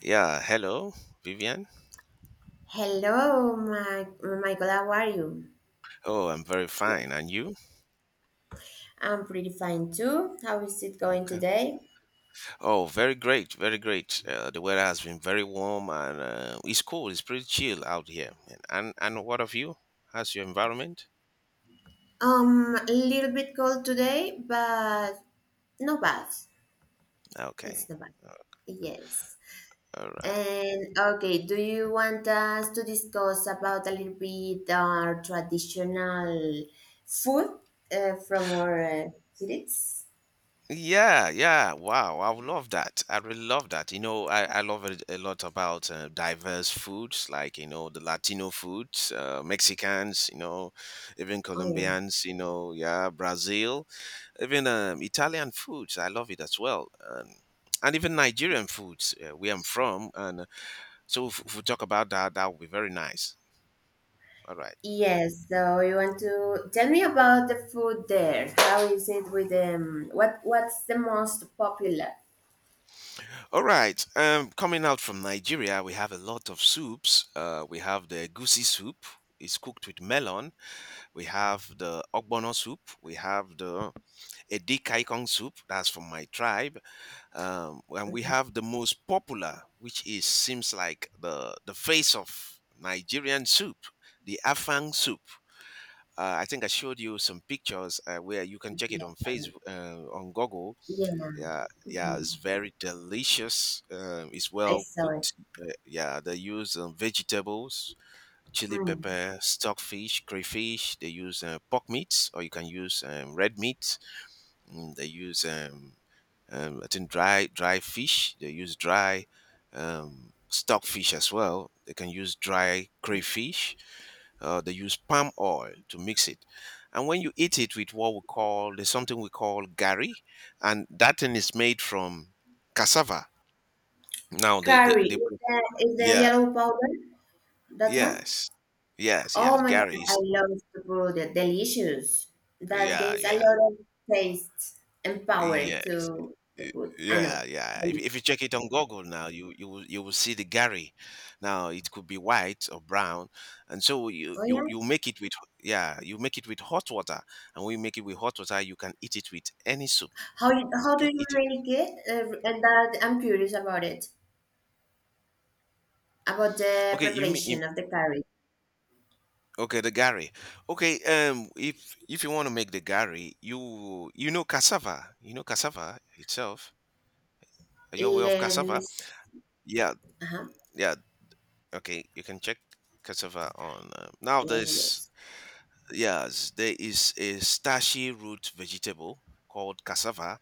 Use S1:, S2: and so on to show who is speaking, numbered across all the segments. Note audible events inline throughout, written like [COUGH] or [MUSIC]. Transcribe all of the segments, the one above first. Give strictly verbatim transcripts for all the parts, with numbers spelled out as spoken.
S1: Yeah, hello, Vivian.
S2: Hello, my, Michael. How are you?
S1: Oh, I'm very fine. And you?
S2: I'm pretty fine too. How is it going
S1: Okay.
S2: today?
S1: Oh, very great, very great. Uh, the weather has been very warm and uh, it's cool. It's pretty chill out here. And and and what of you? How's your environment?
S2: Um, a little bit cold today, but not bad. It's
S1: Okay.
S2: not bad.
S1: uh,
S2: Yes.
S1: All right.
S2: And okay, do you want us to discuss about a little bit our traditional food uh, from our uh, cities?
S1: Yeah, yeah. Wow, I would love that. I really love that. You know, I, I love it a lot about uh, diverse foods, like, you know, the Latino foods, uh, Mexicans, you know, even
S2: Oh yeah.
S1: Colombians, you know, yeah, Brazil, even um, Italian foods. I love it as well. Um, and even Nigerian foods, uh, where I'm from. And uh, so if, if we talk about that, that would be very nice. All right.
S2: Yes, so you want to tell me about the food there. How is it with um what what's the most popular?
S1: All right. Um, coming out from Nigeria, we have a lot of soups. Uh, we have the goosey soup. It's cooked with melon. We have the ogbono soup. We have the edikaikong soup. That's from my tribe. Um, and we have the most popular, which is seems like the the face of Nigerian soup, the afang soup. Uh, I think I showed you some pictures uh, where you can check
S2: Yeah,
S1: it on Facebook, uh, on Google
S2: yeah.
S1: yeah yeah it's
S2: Mhm.
S1: very delicious um, it's
S2: I
S1: well
S2: saw it.
S1: cooked uh, yeah they use um, vegetables, chili
S2: Mm.
S1: pepper, stockfish, crayfish. They use uh, pork meats, or you can use um, red meat. mm, they use um, um, I think dry dry fish. They use dry um, stockfish as well. They can use dry crayfish. uh, they use palm oil to mix it, and when you eat it with what we call, there's something we call gari, and that thing is made from cassava. Now they they,
S2: Curry.
S1: they
S2: Is
S1: put-
S2: the, is the
S1: yeah
S2: yellow powder? That one?
S1: yes yes
S2: Oh
S1: yes
S2: my God,
S1: gari
S2: I
S1: is
S2: love to put it. Delicious. That
S1: yeah
S2: gives a
S1: yeah
S2: lot of taste and power
S1: yes
S2: to the
S1: Y-
S2: food. I know.
S1: Yeah, yeah. If,
S2: Delicious.
S1: if you check it on Google now, you you will you will see the gari. Now it could be white or brown, and so you
S2: Oh
S1: you
S2: yeah.
S1: you make it with yeah, you make it with hot water, and when you make it with hot water, you can eat it with any soup.
S2: How you- how
S1: You
S2: do
S1: can
S2: you
S1: eat it.
S2: make it? Uh, and that I'm curious about it. About the
S1: Okay, you mean you-
S2: preparation of the curry,
S1: okay, the gari. Okay, um, if if you want to make the gari, you you know cassava. You know cassava itself. Are you aware of
S2: let me.
S1: cassava?
S2: s-
S1: Yeah,
S2: uh-huh.
S1: yeah. Okay, you can check cassava on um, now.
S2: Eh,
S1: There's
S2: yes.
S1: yes, there is a starchy root vegetable called cassava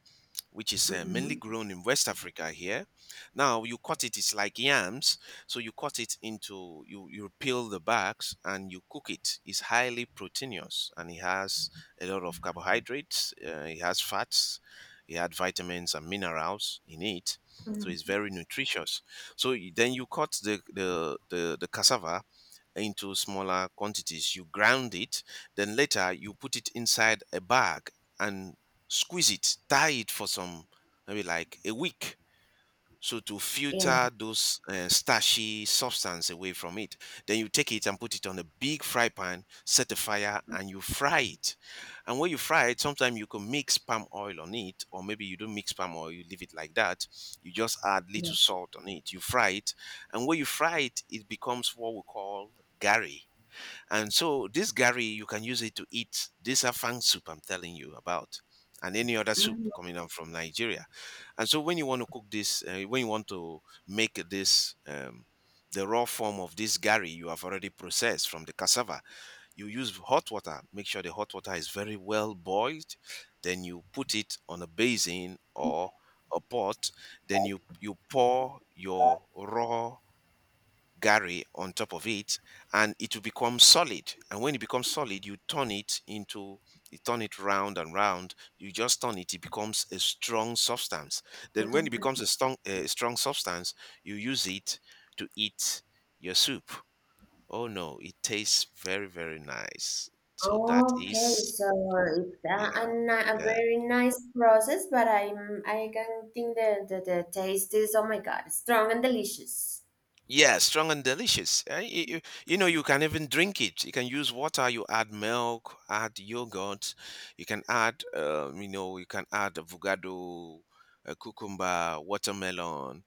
S1: which is uh, mainly
S2: Mm-hmm.
S1: grown in West Africa here. Now you cut it; it's like yams. So you cut it into, you you peel the bags and you cook it. It's highly proteinous and it has a lot of carbohydrates. Uh, it has fats. It had vitamins and minerals in it. So it's
S2: Hmm.
S1: very nutritious. So you- then you cut the the the, the cassava into smaller quantities. You ground it, then later you put it inside a bag and squeeze it, tie it for some, maybe like a week, so to
S2: Yeah.
S1: filter those uh, starchy substance away from it, then you take it and put it on a big fry pan, set a fire, and you fry it. And when you fry it, sometimes you can mix palm oil on it, or maybe you don't mix palm oil, you leave it like that. You just add
S2: Yeah.
S1: little salt on it. You fry it, and when you fry it, it becomes what we call gari. And so this gari, you can use it to eat this afang soup I'm telling you about, and any other soup
S2: Mhm.
S1: coming up from Nigeria. And so when you want to cook this, uh, when you want to make this, um, the raw form of this gari you have already processed from the cassava, you use hot water. Make sure the hot water is very well boiled. Then you put it on a basin or a pot. Then you you pour your raw Gary on top of it, and it will become solid. And when it becomes solid, you turn it into, you turn it round and round. You just turn it, it becomes a strong substance. Then when it becomes a strong, a strong substance, you use it to eat your soup. Oh no, it tastes very, very nice. So that
S2: Okay,
S1: is,
S2: so it's a,
S1: yeah,
S2: a, ni- a
S1: yeah.
S2: very nice process, but I'm I can think the, the the taste is oh my God, strong and delicious.
S1: Yeah, strong and delicious. Eh, y- y- You know, you can even drink it. You can use water. You add milk, add yogurt. You can add, um, you know, you can add avocado, uh, cucumber, watermelon,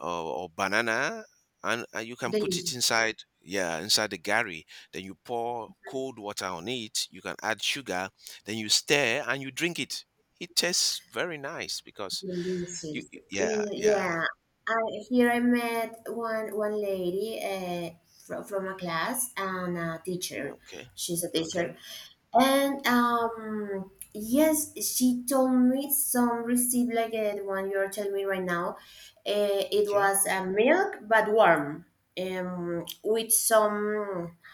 S1: or, or banana, and, and you can put it
S2: Delicious,
S1: inside. Yeah, inside the gari. Then you pour cold water on it. You can add sugar. Then you stir and you drink it. It tastes very nice because you.
S2: delicious.
S1: Yeah,
S2: Mm,
S1: yeah.
S2: yeah, I here I met one one lady uh, from from a class and a teacher.
S1: Okay,
S2: She's a
S1: okay,
S2: teacher. And um, yes, she told me some recipe like uh, the one you're telling me right now. Uh, it
S1: okay,
S2: was uh, milk but warm, um, with some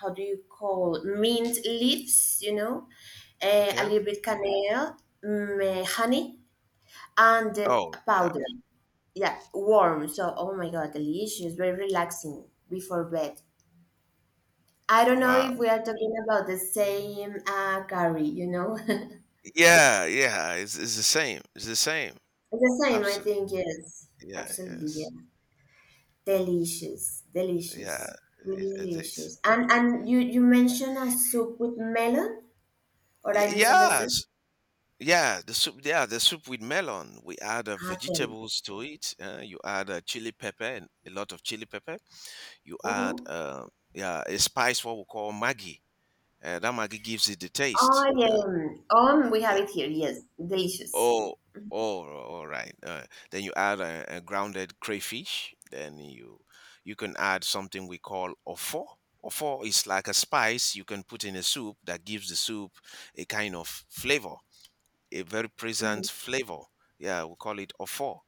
S2: how do you call mint leaves, you know, uh, a
S1: okay.
S2: little bit canela, mm, uh, honey, and the
S1: Oh, yeah.
S2: powder. Yeah, warm. So oh my god, delicious, very relaxing before bed. I don't know if
S1: Wow.
S2: we are talking about the same uh, curry, you know. [LAUGHS]
S1: Yeah, yeah, it's it's the same. It's the same.
S2: The same, I
S1: Absolutely.
S2: think, yes.
S1: Yeah,
S2: Absolutely,
S1: yes.
S2: yeah. Delicious,
S1: Yeah,
S2: delicious, really
S1: it, it is.
S2: delicious. And and you you mentioned a soup with melon, or
S1: Y-
S2: I misunderstood?
S1: Yes. Yeah, the soup. Yeah, the soup with melon. We add uh,
S2: Ah, tell me.
S1: vegetables to it. Uh, you add uh, chili pepper and a lot of chili pepper. You add
S2: Mm-hmm.
S1: uh, yeah, a spice what we call Maggi. Uh, that Maggi gives it the taste.
S2: Oh,
S1: Yeah,
S2: yeah. Um, we have
S1: yeah.
S2: it here, yes. Delicious.
S1: Oh, oh, all right. Uh, then you add a, a grounded crayfish. Then you you can add something we call ofo. Ofo is like a spice you can put in a soup that gives the soup a kind of flavor, a very
S2: Hmm.
S1: present flavor. Yeah, we call it ofo.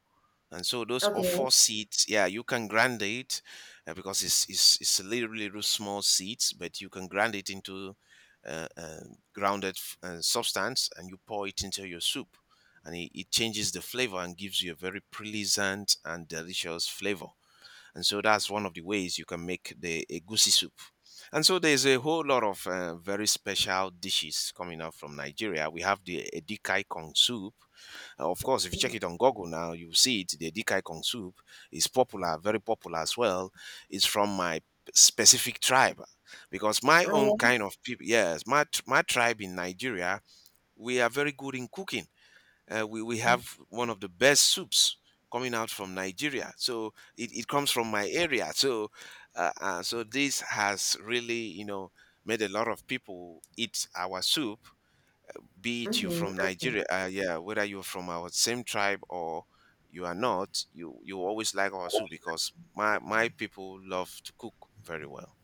S1: And so those of
S2: Okay.
S1: four seats, yeah, you can grant it uh, because it's, it's it's literally those small seeds, but you can grind it into uh, uh, grounded f- uh, substance, and you pour it into your soup, and it, it changes the flavor and gives you a very pleasant and delicious flavor. And so that's one of the ways you can make the egusi soup. And so there's a whole lot of uh, very special dishes coming out from Nigeria. We have the edikai kong soup, uh, of course, if you check it on Google now, you'll see it. The Dikai Kong soup is popular, very popular as well. It's from my specific tribe because my own
S2: Oh, yeah.
S1: kind of people, yes, my, tr- my tribe in Nigeria, we are very good in cooking. Uh, we, we have one of the best soups coming out from Nigeria. So it, it comes from my area. So, uh, uh, so this has really, you know, made a lot of people eat our soup, be it you're
S2: Mm-hmm.
S1: from
S2: Okay.
S1: Nigeria, uh, yeah, whether you're from our same tribe or you are not, you you always like our soup because my my people love to cook very well.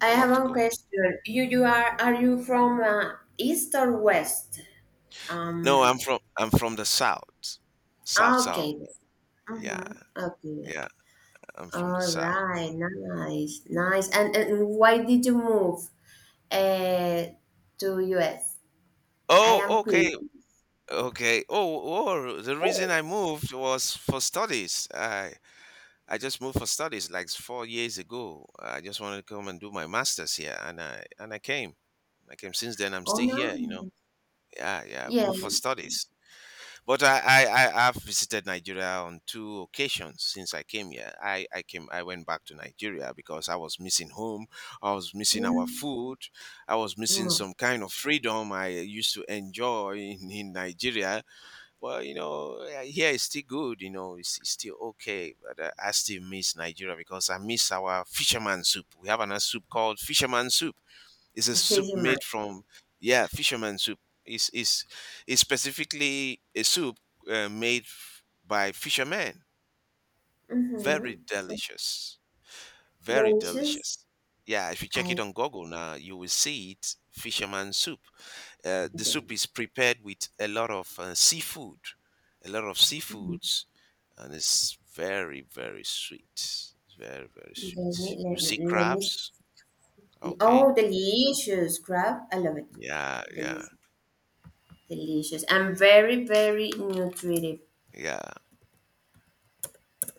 S2: I
S1: They
S2: have
S1: love to
S2: one
S1: cook.
S2: question. You you are are you from uh, east or west?
S1: No, I'm
S2: Um.
S1: from I'm from the south, south
S2: Ah,
S1: south.
S2: okay.
S1: Yeah,
S2: Mm-hmm.
S1: yeah,
S2: Okay.
S1: yeah, I'm from the
S2: All
S1: south.
S2: right, nice, nice. And, and why did you move uh, to U S? I
S1: Oh,
S2: am
S1: okay,
S2: curious.
S1: okay. Oh, oh, the reason I moved was for studies. I I just moved for studies like four years ago. I just wanted to come and do my master's here, and I and I came. I came. Since then, I'm
S2: Oh
S1: still here. You know.
S2: no,
S1: Yeah, yeah.
S2: yeah.
S1: Moved for studies, but I I I have visited Nigeria on two occasions since I came here. I I came. I went back to Nigeria because I was missing home. I was missing our
S2: Mm.
S1: food. I was missing
S2: Mm.
S1: some kind of freedom I used to enjoy in, in Nigeria. Well, you know, uh, here it's still good. You know, it's, it's still okay, but uh, I still miss Nigeria because I miss our fisherman soup. We have another soup called fisherman soup. It's a soup
S2: Sejima.
S1: made from yeah, fisherman soup. It's it's, it's specifically a soup uh, made f- by fishermen. Very
S2: Mm-hmm.
S1: delicious, very
S2: Delicious.
S1: delicious. Yeah, if you check it
S2: I
S1: on Google now, you will see it. Fisherman soup. Uh, the soup
S2: mm
S1: is prepared with a lot of uh, seafood, a lot of seafoods, and it's very, very sweet. It's very, very
S2: let me
S1: sweet. You
S2: let,
S1: see
S2: let me
S1: crabs?
S2: see.
S1: Okay.
S2: Oh, delicious crab. I love it.
S1: Yeah, yeah,
S2: Delicious, delicious, and very very nutritive.
S1: yeah.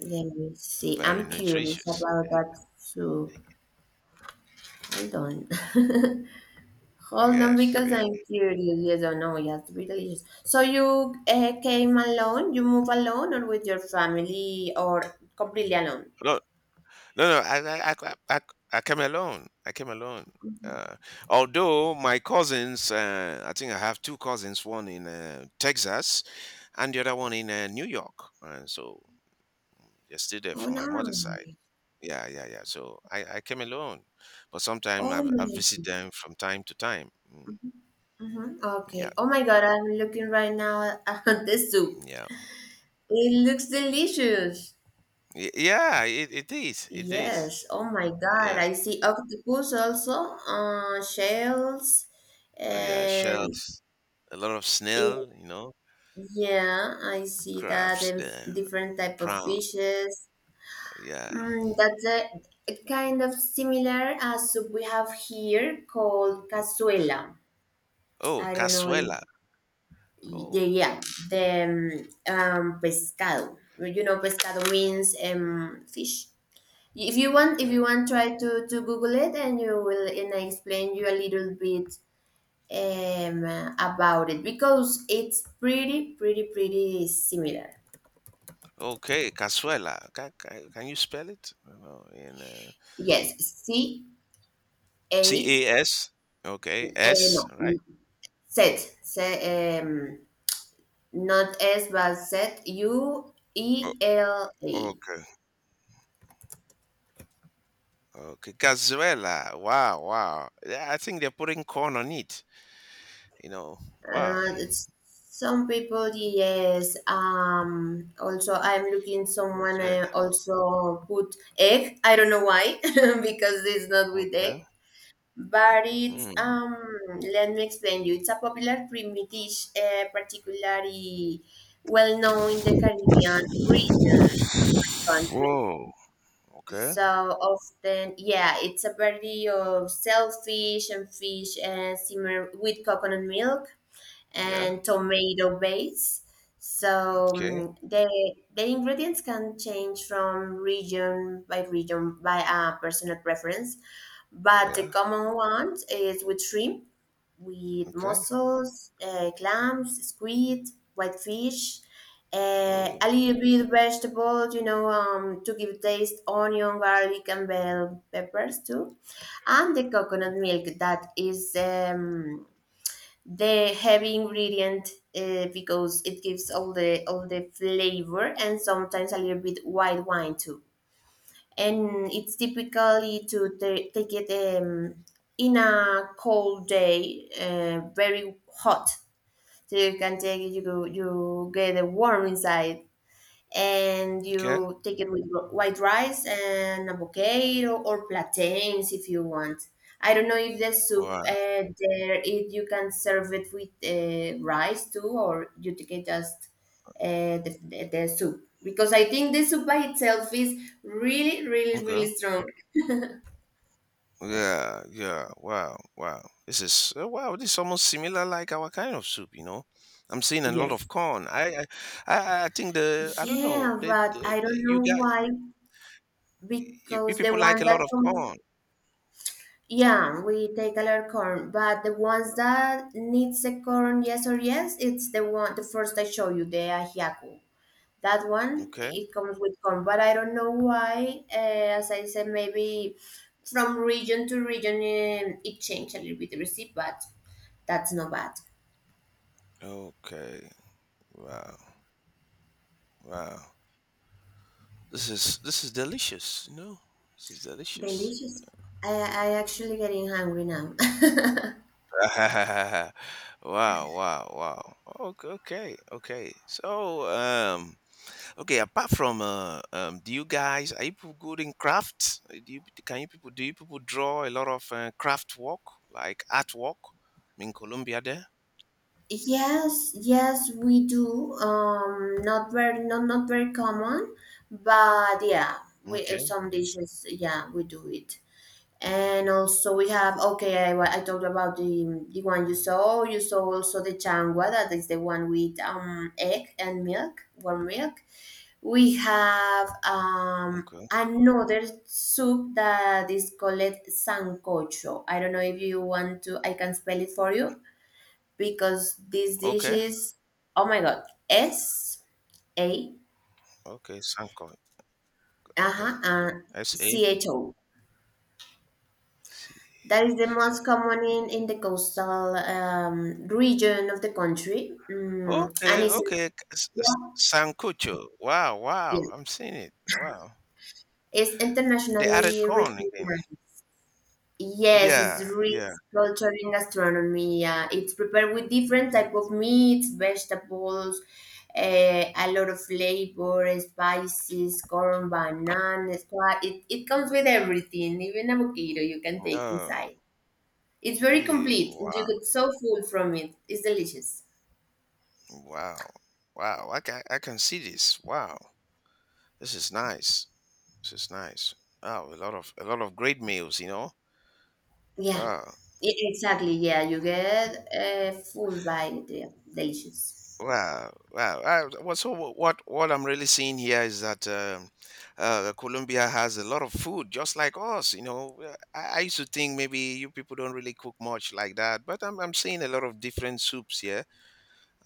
S2: Let me see.
S1: Very
S2: I'm curious
S1: nutritious.
S2: about that soup. Hold on. [LAUGHS] Hold on,
S1: Yes,
S2: because
S1: yeah.
S2: I'm curious. Yes or no? Yes, be delicious. So you uh, came alone? You move alone, or with your family, or completely alone?
S1: No, no, no. I, I, I, I, I I came alone. I came alone. Uh, although my cousins, uh, I think I have two cousins, one in uh, Texas and the other one in uh, New York. And so they're still there
S2: Oh
S1: from
S2: no!
S1: my mother's side. Yeah, yeah, yeah. So I, I came alone, but sometimes
S2: Oh
S1: I I visit
S2: my.
S1: them from time to time. Mm,
S2: Hmm. Okay.
S1: yeah,
S2: Oh my God! I'm looking right now at [LAUGHS] the soup.
S1: yeah,
S2: It looks delicious.
S1: Y- yeah. It, it is, it is.
S2: Yes. Oh my God!
S1: Yeah,
S2: I see octopus also. Uh, shells.
S1: yeah.
S2: Um.
S1: Shells, a lot of
S2: It,
S1: snail, you know,
S2: yeah, I see that
S1: crabs,
S2: and
S1: the
S2: different type of
S1: prawn.
S2: fishes.
S1: Yeah.
S2: Mm, that's a, a kind of similar uh, soup we have here called cazuela.
S1: Oh,
S2: I don't know if
S1: cazuela. Oh,
S2: the yeah the um, um, pescado. You know, pescado means um, fish. If you want, if
S1: okay.
S2: you want, try to, to Google it, and you will, and I explain you a little bit um, about it because it's pretty, pretty, pretty similar.
S1: Okay, cazuela. Can, can, can you spell it? I don't know, in uh,
S2: Yes, C A
S1: C A S.
S2: uh,
S1: Okay, S.
S2: no,
S1: Right.
S2: set, set um, not S but Z U E L
S1: Oh,
S2: A.
S1: Okay, cazuela. Wow, wow. Yeah, I think they're putting corn on it. You know, wow.
S2: Uh, it's some people, yes. Um, also, I'm looking someone. I
S1: Cazuela.
S2: also put egg. I don't know why [LAUGHS] because it's not with
S1: Okay.
S2: egg. But it's
S1: Mm.
S2: um. Let me explain you. It's a popular creamy dish, uh, particularly well known in the Caribbean region country.
S1: Whoa. Okay.
S2: So often, yeah, it's a variety of shellfish and fish and simmer with coconut milk
S1: Yeah.
S2: and tomato base. So
S1: Okay.
S2: um, the the ingredients can change from region by region by a personal preference, but the
S1: Yeah.
S2: common one is with shrimp with
S1: Okay.
S2: mussels, uh, clams, squid, whitefish, uh,
S1: Mm.
S2: a little bit of vegetables, you know, um, to give taste, onion, garlic, and bell peppers too, and the coconut milk that is um, the heavy ingredient uh, because it gives all the all the flavor and sometimes a little bit white wine too, and it's typically to ta- take it um, in a cold day, uh, very hot. So you can take it, you go, you get a warm inside, and
S1: Okay.
S2: you take it with ro- white rice and avocado or plantains if you want. I don't know if the soup
S1: Wow.
S2: uh, there if you can serve it with uh, rice too, or you take it just uh, the, the, the soup because I think the soup by itself is really, really,
S1: Okay.
S2: really strong.
S1: Yeah. Yeah. Wow. Wow. This is uh, wow. This is almost similar like our kind of soup. You know, I'm seeing a lot of
S2: Yes.
S1: corn. I I I I think the I don't know.
S2: Yeah,
S1: They,
S2: but
S1: they,
S2: I don't
S1: they- you
S2: know
S1: got
S2: why
S1: you, you
S2: because the
S1: people like
S2: one
S1: a
S2: that
S1: lot of
S2: comes.
S1: corn.
S2: Yeah, we take alert corn, but the ones that needs the corn, yes or yes, it's the one, the first I show you, the ajiaco. That one,
S1: Okay.
S2: it comes with corn, but I don't know why. Uh, as I said, maybe from region to region, um, it changed a little bit the recipe, but that's not bad.
S1: Okay. Wow. Wow. This is this is delicious, you know? This is delicious.
S2: Delicious. I I actually getting hungry now. [LAUGHS]
S1: [LAUGHS] wow, wow, wow. Okay, okay, okay. So, um, okay. Apart from, uh, um, do you guys are you people good in crafts? Uh, Do you can you people do you people draw a lot of uh, craft work like art work in Colombia there?
S2: Yes, yes, we do. Um, not very, not not very common, but yeah, we uh,
S1: Okay,
S2: some dishes. Yeah, we do it. And also we have okay. I, wa- I talked about the the one you saw. You saw also the changua. That is the one with um egg and milk, warm milk. We have um
S1: okay,
S2: another soup that is called sancocho. I don't know if you want to. I can spell it for you because this dish
S1: okay,
S2: is oh my god, S A
S1: okay. Sanko. Okay,
S2: uh-huh and
S1: S A
S2: C H O.
S1: C
S2: That is the
S1: H
S2: most
S1: O.
S2: common in, in the coastal um, region of the country, mm, and
S1: Okay,
S2: it's
S1: okay. S- s-
S2: yeah,
S1: Sancocho. Wow, wow.
S2: yeah,
S1: I'm seeing it. Wow.
S2: it's
S1: They added
S2: internationally
S1: corn again.
S2: recognized. Yes, it's
S1: Yeah,
S2: rich
S1: yeah.
S2: culture in gastronomy. Yeah. It's prepared with different type of meats, vegetables, eh, a lot of flavor, spices, corn, bananas. So I- it, it comes with everything, even avocado you can take
S1: Oh,
S2: inside. It's very
S1: yeah.
S2: complete and you
S1: Wow,
S2: get so full from it. It's delicious.
S1: wow, wow. I can, I can see this. Wow. This is nice. This is nice. Wow, a lot of a lot of great meals, you know.
S2: Yeah,
S1: Wow.
S2: e- exactly. Yeah, you get uh, full by it. Yeah. Delicious.
S1: Wow, wow. I, well, so wh- what what I'm really seeing here is that um, uh, Colombia has a lot of food, just like us. You know, Uh, I, I used to think maybe you people don't really cook much like that, but I'm I'm seeing a lot of different soups here,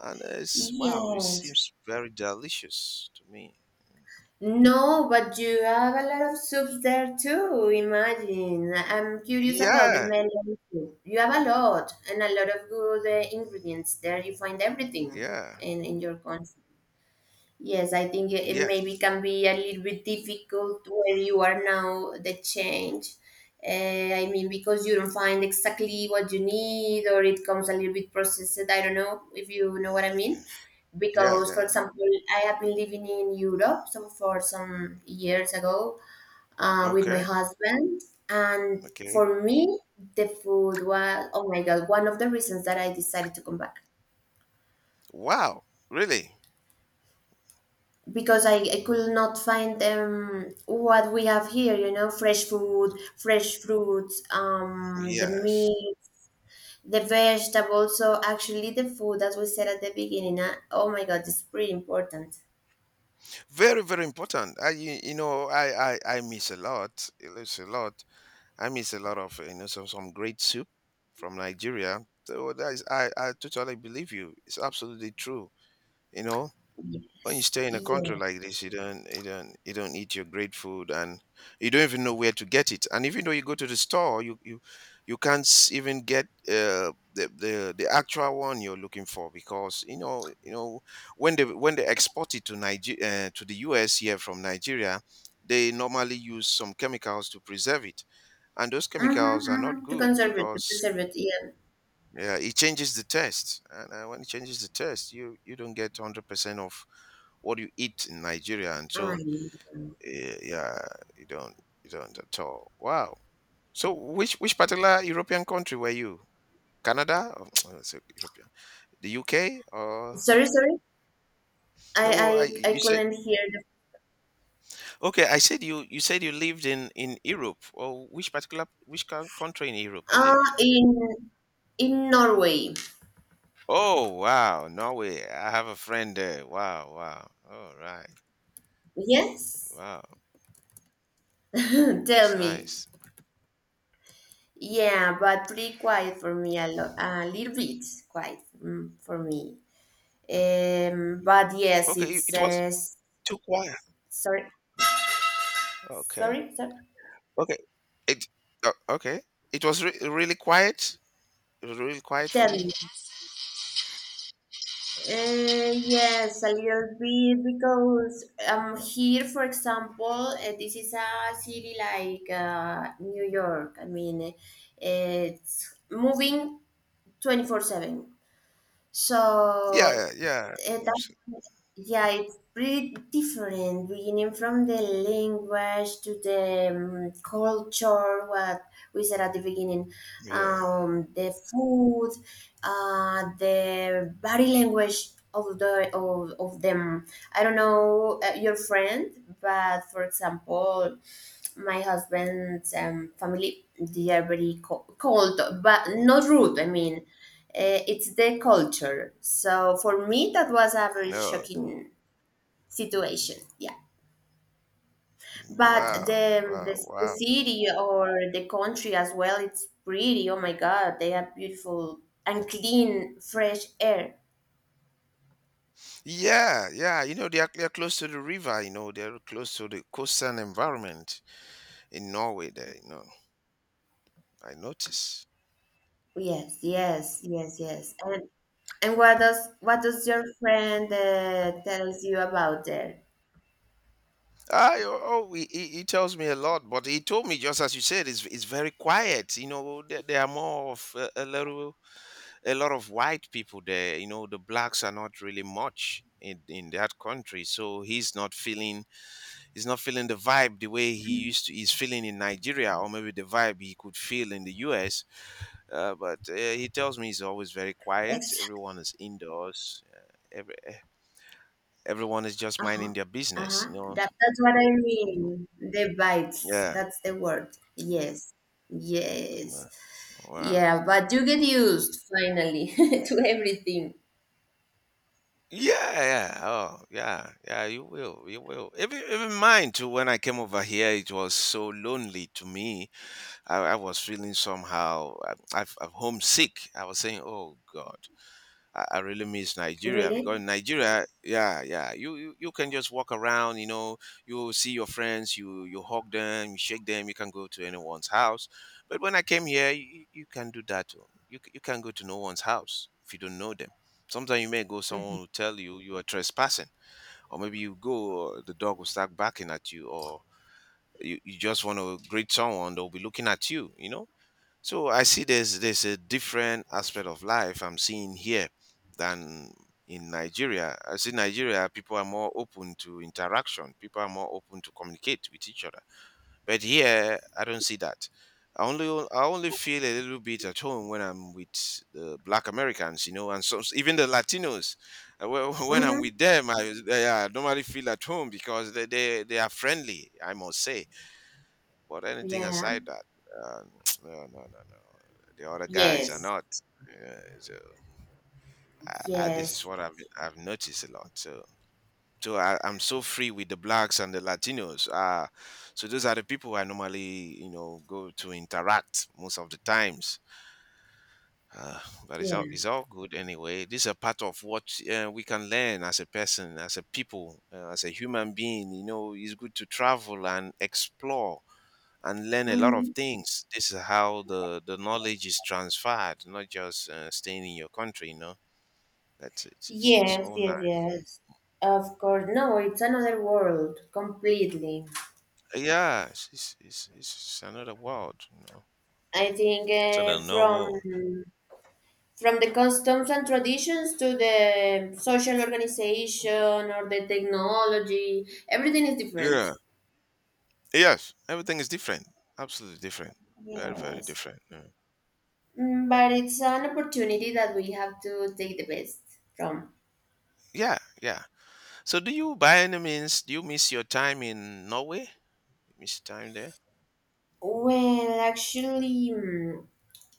S1: and uh, it's wow, it
S2: Yes.
S1: seems very delicious to me.
S2: No, but you have a lot of soups there too, imagine. I'm curious about the
S1: Yeah,
S2: melon soup. You have a lot and a lot of good uh, ingredients there. You find everything
S1: yeah,
S2: in, in your country. Yes, I think it it maybe
S1: yes,
S2: can be a little bit difficult where you are now, the change. Uh, I mean, because you don't find exactly what you need, or it comes a little bit processed. I don't know if you know what I mean.
S1: yeah,
S2: Because, for
S1: yeah.
S2: example, I have been living in Europe some for some years ago uh, with my
S1: Okay,
S2: husband, and
S1: okay.
S2: for me, the food was, oh my God, one of the reasons that I decided to come back
S1: Wow, really?
S2: because I, I could not find um, what we have here, you know, fresh food, fresh fruits, um, the
S1: Yes,
S2: meat, the vegetables. So actually, the food, as we said at the beginning, uh, oh my God, it's pretty important.
S1: very very important. i you, you know I, I i miss a lot. I miss a lot. I miss a lot of uh, you know, some some great soup from Nigeria. So that is, I I totally believe you. It's absolutely true. You know, when you
S2: Yes.
S1: stay in a country
S2: Yeah.
S1: like this, you don't you don't you don't eat your great food, and you don't even know where to get it. And even though you go to the store, you you you can't s- even get uh, the the the actual one you're looking for because you know you know when they when they export it to Niger uh, to the U S here from Nigeria, they normally use some chemicals to preserve it, and those
S2: Mm-hmm,
S1: chemicals are not
S2: mm-hmm. To
S1: good
S2: conserve it, to
S1: because
S2: preserve it. Yeah.
S1: yeah, it changes the test, and uh, when it changes the test, you you don't get hundred percent of what do you eat in Nigeria? And
S2: I
S1: so,
S2: know.
S1: eh, yeah, you don't, you don't at all. Wow. So, which which particular European country were you? Canada? Or, so [TSK] European. The U K? Or
S2: Sorry, sorry.
S1: no? I,
S2: I, I, I
S1: you said
S2: couldn't hear the.
S1: okay. I said you you said you lived in in Europe. Or which particular which coun- country in Europe you
S2: Uh,
S1: lived in?
S2: in in Norway.
S1: Oh wow, Norway! I have a friend there. Wow, wow. All right.
S2: Yes.
S1: Wow,
S2: [LAUGHS]
S1: that was
S2: Tell me.
S1: nice.
S2: Yeah, but pretty quiet for me a lot, a little bit quiet mm, for me. Um, but yes,
S1: Okay,
S2: it's
S1: it was
S2: uh, s-
S1: too quiet.
S2: sorry,
S1: Okay.
S2: sorry, sorry.
S1: Okay. It uh, okay. It was re- really quiet. It was really quiet for
S2: Tell
S1: you.
S2: me. Uh, yes, a little bit because um here, for example, uh, this is a city like uh, New York. I mean, uh, it's moving twenty four seven.
S1: Yeah,
S2: So
S1: yeah, yeah.
S2: it,
S1: Abso-
S2: yeah, it's pretty different, beginning from the language to the um, culture, what we said at the beginning,
S1: Yeah.
S2: um, the food, uh, the body language of the of, of them. I don't know uh, your friend, but for example, my husband's um, family, they are very co- cold but not rude, I mean uh, it's their culture, so for me that was a very
S1: No.
S2: shocking situation, yeah, but
S1: Wow.
S2: the,
S1: Wow.
S2: the, the
S1: Wow.
S2: city or the country as well, it's pretty oh my god, they have beautiful and clean fresh air.
S1: Yeah, yeah. You know, they are, they are close to the river, you know, they're close to the coastal environment in Norway there, you know. I notice.
S2: Yes, yes, yes, yes, and and what does what does your friend uh, tells you about there.
S1: I, oh, oh, he, he he tells me a lot, but he told me just as you said, it's, it's very quiet. You know, they, they are more of a, a little a lot of white people there. You know, the blacks are not really much in, in that country, so he's not feeling he's not feeling the vibe the way he used to. He's feeling in Nigeria, or maybe the vibe he could feel in the U S. Uh, but uh, he tells me he's always very quiet. Everyone is indoors. Uh, every eh, everyone is just
S2: Uh-huh.
S1: minding their business.
S2: Uh-huh.
S1: You know.
S2: That that's what I
S1: Mm.
S2: mean. The bites.
S1: Yeah.
S2: That's the word. Yes. Yes.
S1: Wow. wow.
S2: Yeah, but you get used finally [LAUGHS] to everything.
S1: Yeah, yeah, oh, yeah, yeah. You will, you will. Even, even mine too. When I came over here, it was so lonely to me. I, I was feeling somehow. I, I'm I'm homesick. I was saying, "Oh God, I, I really miss Nigeria
S2: Really?
S1: because in Nigeria, yeah, yeah, you, you you can just walk around, you know, you see your friends, you you hug them, you shake them, you can go to anyone's house. But when I came here, you, you can do that. Too. You c- you can go to no one's house if you don't know them. Sometimes you may go, someone will tell you you are trespassing, or maybe you go, uh, the dog will start barking at you, or you, you just want to greet someone, they'll be looking at you, you know, so I see there's there's a different aspect of life I'm seeing here than in Nigeria. I see Nigeria people are more open to interaction. People are more open to communicate with each other. But here I don't see that. I only I only feel a little bit at home when I'm with the Black Americans, you know, and some even the Latinos. Uh, wh- [LAUGHS] When I'm
S2: Mm-hmm.
S1: with them, I, yeah, I normally feel at home because they, they, they are friendly. I must say, but anything
S2: Yeah.
S1: aside that, uh, [TSK] no, no, no, no. The other guys are
S2: Yes.
S1: not. Uh, so I, I, this is
S2: Yes.
S1: what I've I've noticed a lot. So so I, I'm so free with the blacks and the Latinos. Uh, so those are the people I normally you know go to interact most of the times. Uh, but it's all
S2: Yeah.
S1: it's all good anyway. This is a part of what uh, we can learn as a person, as a people, uh, as a human being. You know, it's good to travel and explore and learn a lot of
S2: Mm-hmm.
S1: things. This is how the, the knowledge is transferred, not just uh, staying in your country, you know. That's it's it's, it's
S2: Yes,
S1: all
S2: yes,
S1: nice.
S2: yes. Of course. No, it's another world completely.
S1: Uh, Yeah, it's, it's it's it's another world, you know.
S2: I think
S1: It's
S2: uh,
S1: another no
S2: from
S1: world.
S2: from the customs and traditions to the social organization or the technology, everything is different.
S1: Yeah. Yes. Everything is different. Absolutely different. Very very
S2: Yes.
S1: different. Yeah.
S2: Mm, but it's an opportunity that we have to take the best from.
S1: Yeah. yeah. So do you by any means do you miss your time in Norway? You miss time there?
S2: Well, actually, mm,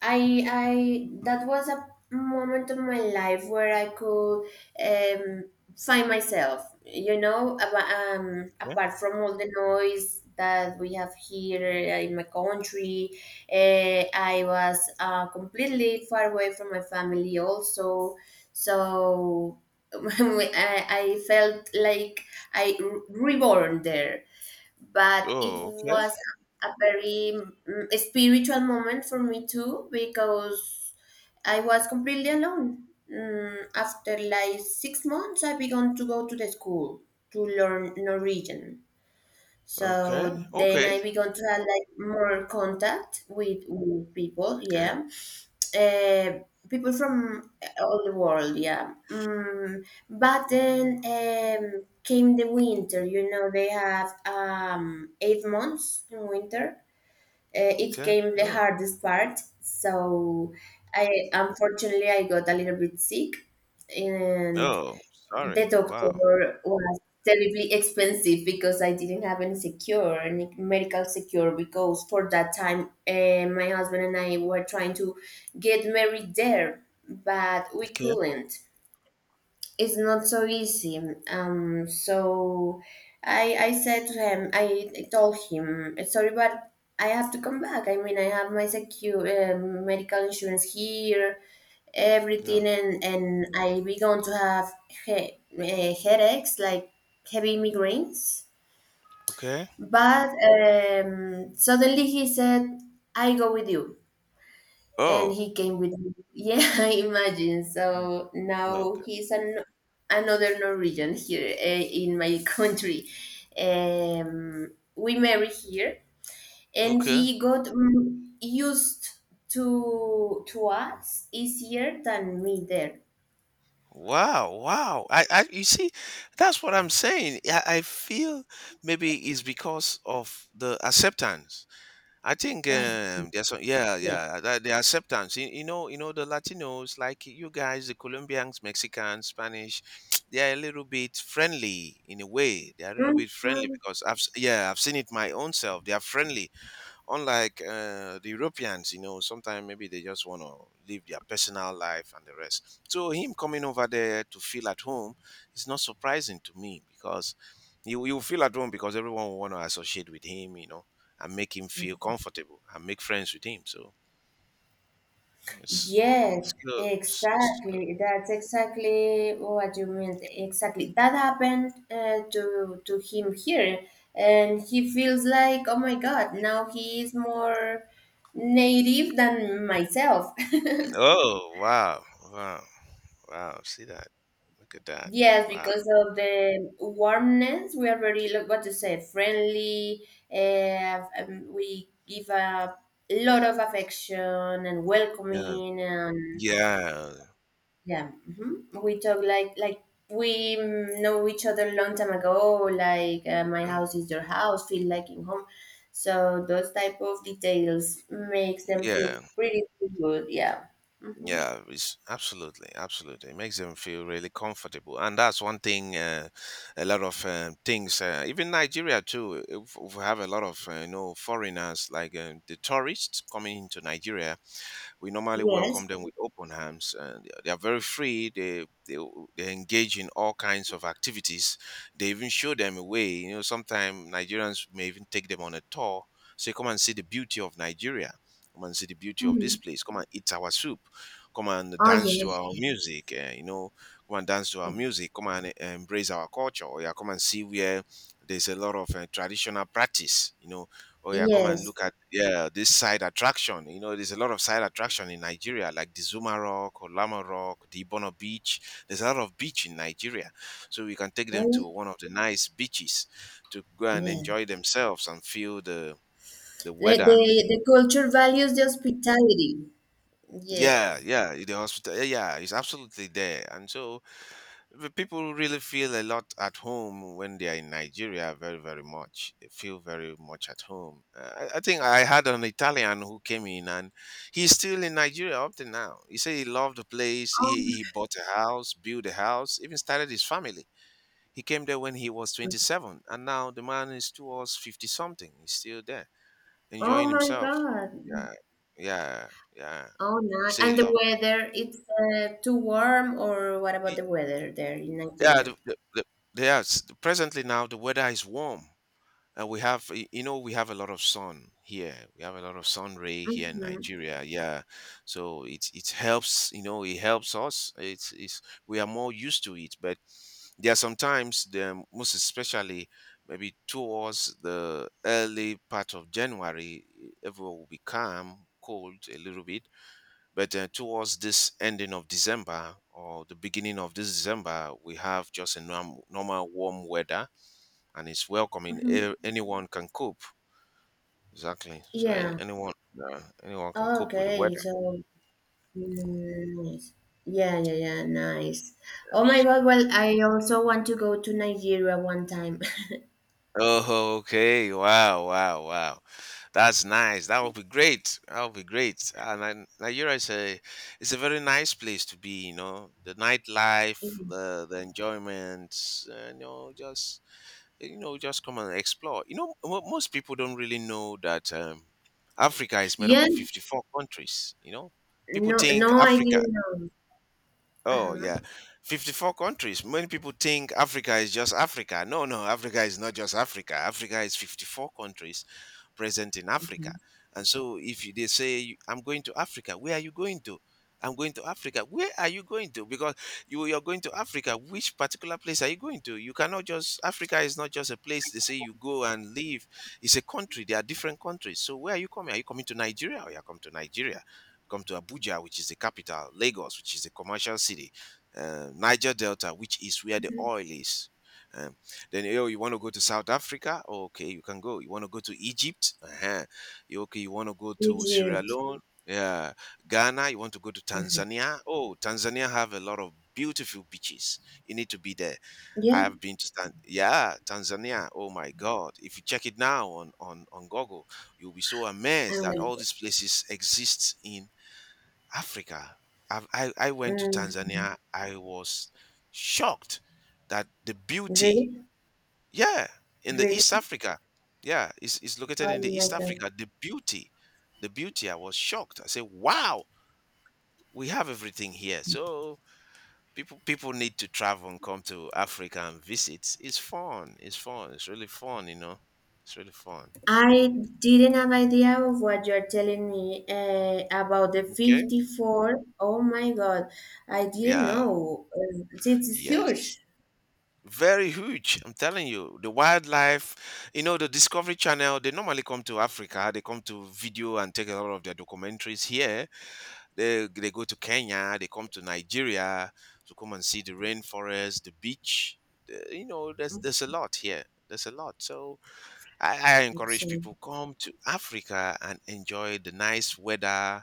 S2: I I that was a moment of my life where I could um, find myself. You know, ab- um,
S1: Yeah.
S2: apart from all the noise that we have here uh, in my country, uh, I was uh, completely far away from my family. Also, so [LAUGHS] I, I felt like I re- reborn there, but it
S1: Oh, okay.
S2: was a very mm, spiritual moment for me too because I was completely alone. Mm, after like six months, I began to go to the school to learn Norwegian.
S1: Okay.
S2: So then
S1: Okay.
S2: I began to have like more contact with, with people,
S1: Okay.
S2: yeah, uh, people from all the world, yeah. Mm, but then um, came the winter. You know, they have um, eight months in winter. Uh, it
S1: Okay.
S2: came the
S1: Oh.
S2: hardest part. So I unfortunately I got a little bit sick, and
S1: Oh, sorry.
S2: the doctor
S1: Wow.
S2: was terribly expensive because I didn't have any secure, any medical secure. Because for that time, uh, my husband and I were trying to get married there, but we
S1: Okay.
S2: couldn't. It's not so easy. Um, so I I said to him, I told him, sorry, but I have to come back. I mean, I have my secure um medical insurance here, everything,
S1: Yeah.
S2: and and I began to have he- uh, headaches like heavy migraines.
S1: Okay.
S2: But um, suddenly he said, "I go with you," and
S1: Oh.
S2: he came with me. Yeah, [LAUGHS] I imagine.
S1: Mm,
S2: So now
S1: Okay.
S2: he's an another Norwegian here uh, in my [LAUGHS] country. Um, we married here, and
S1: Okay.
S2: he got mm, used to to us easier than me there.
S1: Wow. Wow. I, I you see, that's what I'm saying. I, I feel maybe it's because of the acceptance. I think
S2: I
S1: um there's some yeah, yeah, that- the acceptance. You, you know, you know the Latinos like you guys, the Colombians, Mexicans, Spanish, [TSK] they are a little bit friendly in a way. They are a little bit friendly
S2: Mhm.
S1: because I've s- yeah, I've seen it my own self. They are friendly unlike uh, the Europeans, you know, sometimes maybe they just want to live their personal life and the rest. So him coming over there to feel at home is not surprising to me because you you feel at home because everyone will want to associate with him, you know, and make him feel comfortable and make friends with him. So it's
S2: Yes,
S1: it's good. It's, it's good.
S2: exactly. That's exactly what you meant. Exactly. That happened uh, to to him here, and he feels like, oh my God, now he is more native than myself. [LAUGHS]
S1: Oh wow, wow, wow! See that? Look at that!
S2: Yes,
S1: Wow.
S2: because of the warmness, we are very, like, what to say, friendly. Uh, um, we give a lot of affection and
S1: Yeah.
S2: welcoming and
S1: Yeah.
S2: yeah, hmm we talk like like we mm, know each other long time ago. Like uh, my house is your house, feel like in home. So those type of details makes them feel
S1: Yeah.
S2: pretty good. Yeah. Mm-hmm.
S1: Yeah, it's absolutely, absolutely. It makes them feel really comfortable, and that's one thing. Uh, a lot of um, things, uh, even Nigeria too. If, if we have a lot of uh, you know foreigners, like uh, the tourists coming into Nigeria, we normally
S2: Yes.
S1: welcome them with open arms, and they are they are very free. they, they they engage in all kinds of activities. They even show them a way, you know, sometimes Nigerians may even take them on a tour, say come and see the beauty of Nigeria, come and see the beauty of
S2: Hmm.
S1: this place, come and eat our soup, come and
S2: Oh
S1: dance
S2: yeah.
S1: to our music, eh, you know, come and dance to our music, come and eh, embrace our culture, or yeah, come and see where there's a lot of uh, traditional practice, you know. Oh yeah, come and
S2: Yes.
S1: look at yeah this side attraction. You know, there's a lot of side attraction in Nigeria, like the Zuma Rock, Olama Rock, the Ibono Beach. There's a lot of beach in Nigeria, so we can take
S2: Oh
S1: them
S2: yeah.
S1: to one of the nice beaches to go and
S2: Yeah.
S1: enjoy themselves and feel the the
S2: Like the
S1: weather.
S2: the culture values the hospitality. Yes.
S1: Yeah, yeah, the hospital. Yeah, yeah, it's absolutely there, and so the people really feel a lot at home when they are in Nigeria, very, very much. They feel very much at home. Uh, I, I think I had an Italian who came in, and he's still in Nigeria up to now. He said he loved the place. He,
S2: Oh,
S1: he bought a house, built a house, even started his family. He came there when he was twenty-seven, and now the man is towards fifty something. He's still there,
S2: oh
S1: enjoying
S2: my
S1: himself.
S2: God.
S1: Yeah, yeah, yeah.
S2: Oh,
S1: He
S2: nice.
S1: say
S2: And
S1: he
S2: the
S1: loved.
S2: weather, it's uh, too warm, or what about
S1: He,
S2: the weather there in
S1: yeah,
S2: Nigeria?
S1: the, the, the, yes. Presently now, the weather is warm. Uh, we have, y- you know, we have a lot of sun here. We have a lot of sun ray here in
S2: Mhm,
S1: Nigeria. Yeah, so it it helps. You know, it helps us. It's it's we are more used to it. But there are sometimes, the most especially maybe towards the early part of January, everywhere will be calm, cold a little bit. But uh, towards this ending of December or the beginning of this December, we have just a norm, normal warm weather and it's welcoming.
S2: mhm.
S1: A- Anyone can cope. Exactly. So an
S2: Yeah.
S1: anyone, uh, anyone can cope with the
S2: Okay.
S1: weather.
S2: So, mm, nice. Yeah, yeah, yeah. Nice. Oh my God. Well, I also want to go to Nigeria one time. [LAUGHS]
S1: Oh, okay. Wow, wow, wow. That's nice. That would be great. That would be great. Uh, Ni- Nigeria is a it's a very nice place to be. You know, the nightlife, the the enjoyment. Uh, you know, just you know, just come and explore. You know, mo- most people don't really know that um, Africa is made up
S2: Yeah.
S1: of fifty four countries. You know, people
S2: No,
S1: think
S2: no, I
S1: Africa.
S2: didn't know.
S1: Oh,
S2: Uh-huh.
S1: yeah. fifty four countries. Many people think Africa is just Africa. No, no, Africa is not just Africa. Africa is fifty four countries present in Africa.
S2: Mhm.
S1: And so if you- they say, "I'm going to Africa." Where are you going to? I'm going to Africa. Where are you going to? Because you you're going to Africa. Which particular place are you going to? You cannot just, Africa is not just a place, they say you go and live. It's a country. There are different countries. So where are you coming? Are you coming to Nigeria? Or you are coming to Nigeria? Come to Abuja, which is the capital. Lagos, which is the commercial city. Uh, Niger Delta, which is where the
S2: Mhm.
S1: oil is. Uh, then, yo, you want to go to South Africa? Okay, you can go. You want to go to Egypt? Uh-huh. You- Okay, you want to go to Sierra
S2: Egypt.
S1: Leone? Yeah. Ghana, you want to go to
S2: Mhm.
S1: Tanzania? Oh, Tanzania have a lot of beautiful beaches. You need to be there. I
S2: Yeah,
S1: have been to Tan- yeah, Tanzania. Oh my God. If you check it now on, on, on Google, you'll be so amazed
S2: I'm
S1: that
S2: gonna
S1: all
S2: go.
S1: these places exist in Africa. I've, I, I went to
S2: Mhm.
S1: Tanzania. I was shocked that the beauty,
S2: Really?
S1: yeah, in the
S2: Really?
S1: East Africa. Yeah, it's, it's located
S2: Oh
S1: in the
S2: my
S1: East
S2: God.
S1: Africa. The beauty, the beauty. I was shocked. I said, "Wow, we have everything here." So people people need to travel and come to Africa and visit. It's fun. It's fun. It's really fun. You know, it's really fun.
S2: I didn't have idea of what you're telling me uh, about the
S1: Okay.
S2: fifty-four. Oh my God, I didn't
S1: Yeah.
S2: know. Uh, it's huge,
S1: Yes. Very huge. I'm telling you, the wildlife. You know, the Discovery Channel. They normally come to Africa. They come to video and take a lot of their documentaries here. They they go to Kenya, they come to Nigeria to come and see the rainforest, the beach. The- you know, there's there's a lot here. There's a lot. So I, I
S2: it's
S1: encourage
S2: huge.
S1: people come to Africa and enjoy the nice weather.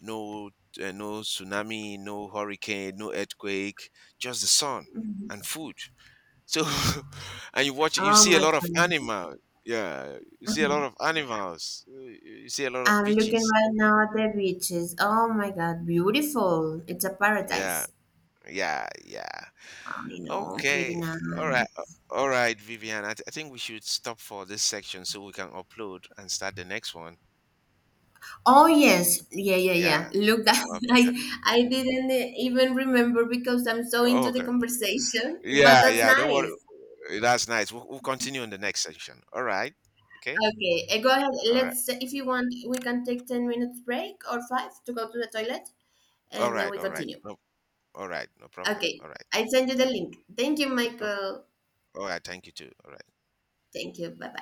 S1: No, uh, no tsunami, no hurricane, no earthquake, just the sun and food. So [LAUGHS] and you watch you
S2: Oh
S1: see a
S2: my
S1: lot of
S2: God.
S1: animals. Yeah, you see a lot of animals. uh, You see a lot of
S2: I'm looking
S1: beaches.
S2: right now at the beaches. Oh my God, beautiful. It's a
S1: Yeah,
S2: paradise.
S1: yeah, yeah.
S2: I know, pretty
S1: Okay.
S2: nice.
S1: All right. uh, All right, Vivian. I, th- I think we should stop for this section so we can upload and start the next one.
S2: Oh yes, yeah, yeah, yeah.
S1: Yeah.
S2: Look, [LAUGHS] that
S1: up-
S2: I I didn't even remember because I'm so
S1: Oh,
S2: into the
S1: okay.
S2: conversation, but
S1: Yeah,
S2: that's
S1: yeah. Don't worry.
S2: nice.
S1: Uh, That's nice. We'll, we'll continue in the next section. All right. Okay.
S2: Okay, uh, go ahead.
S1: All right.
S2: Let's, if you want, we can take ten minutes break or five to go to the toilet
S1: All
S2: and then
S1: right.
S2: we
S1: All right.
S2: continue.
S1: No. All right. No problem.
S2: Okay,
S1: All right.
S2: I send you the
S1: Okay.
S2: link. Thank you,
S1: Okay.
S2: Michael.
S1: All right. Thank you too. All right.
S2: Thank you. Bye bye.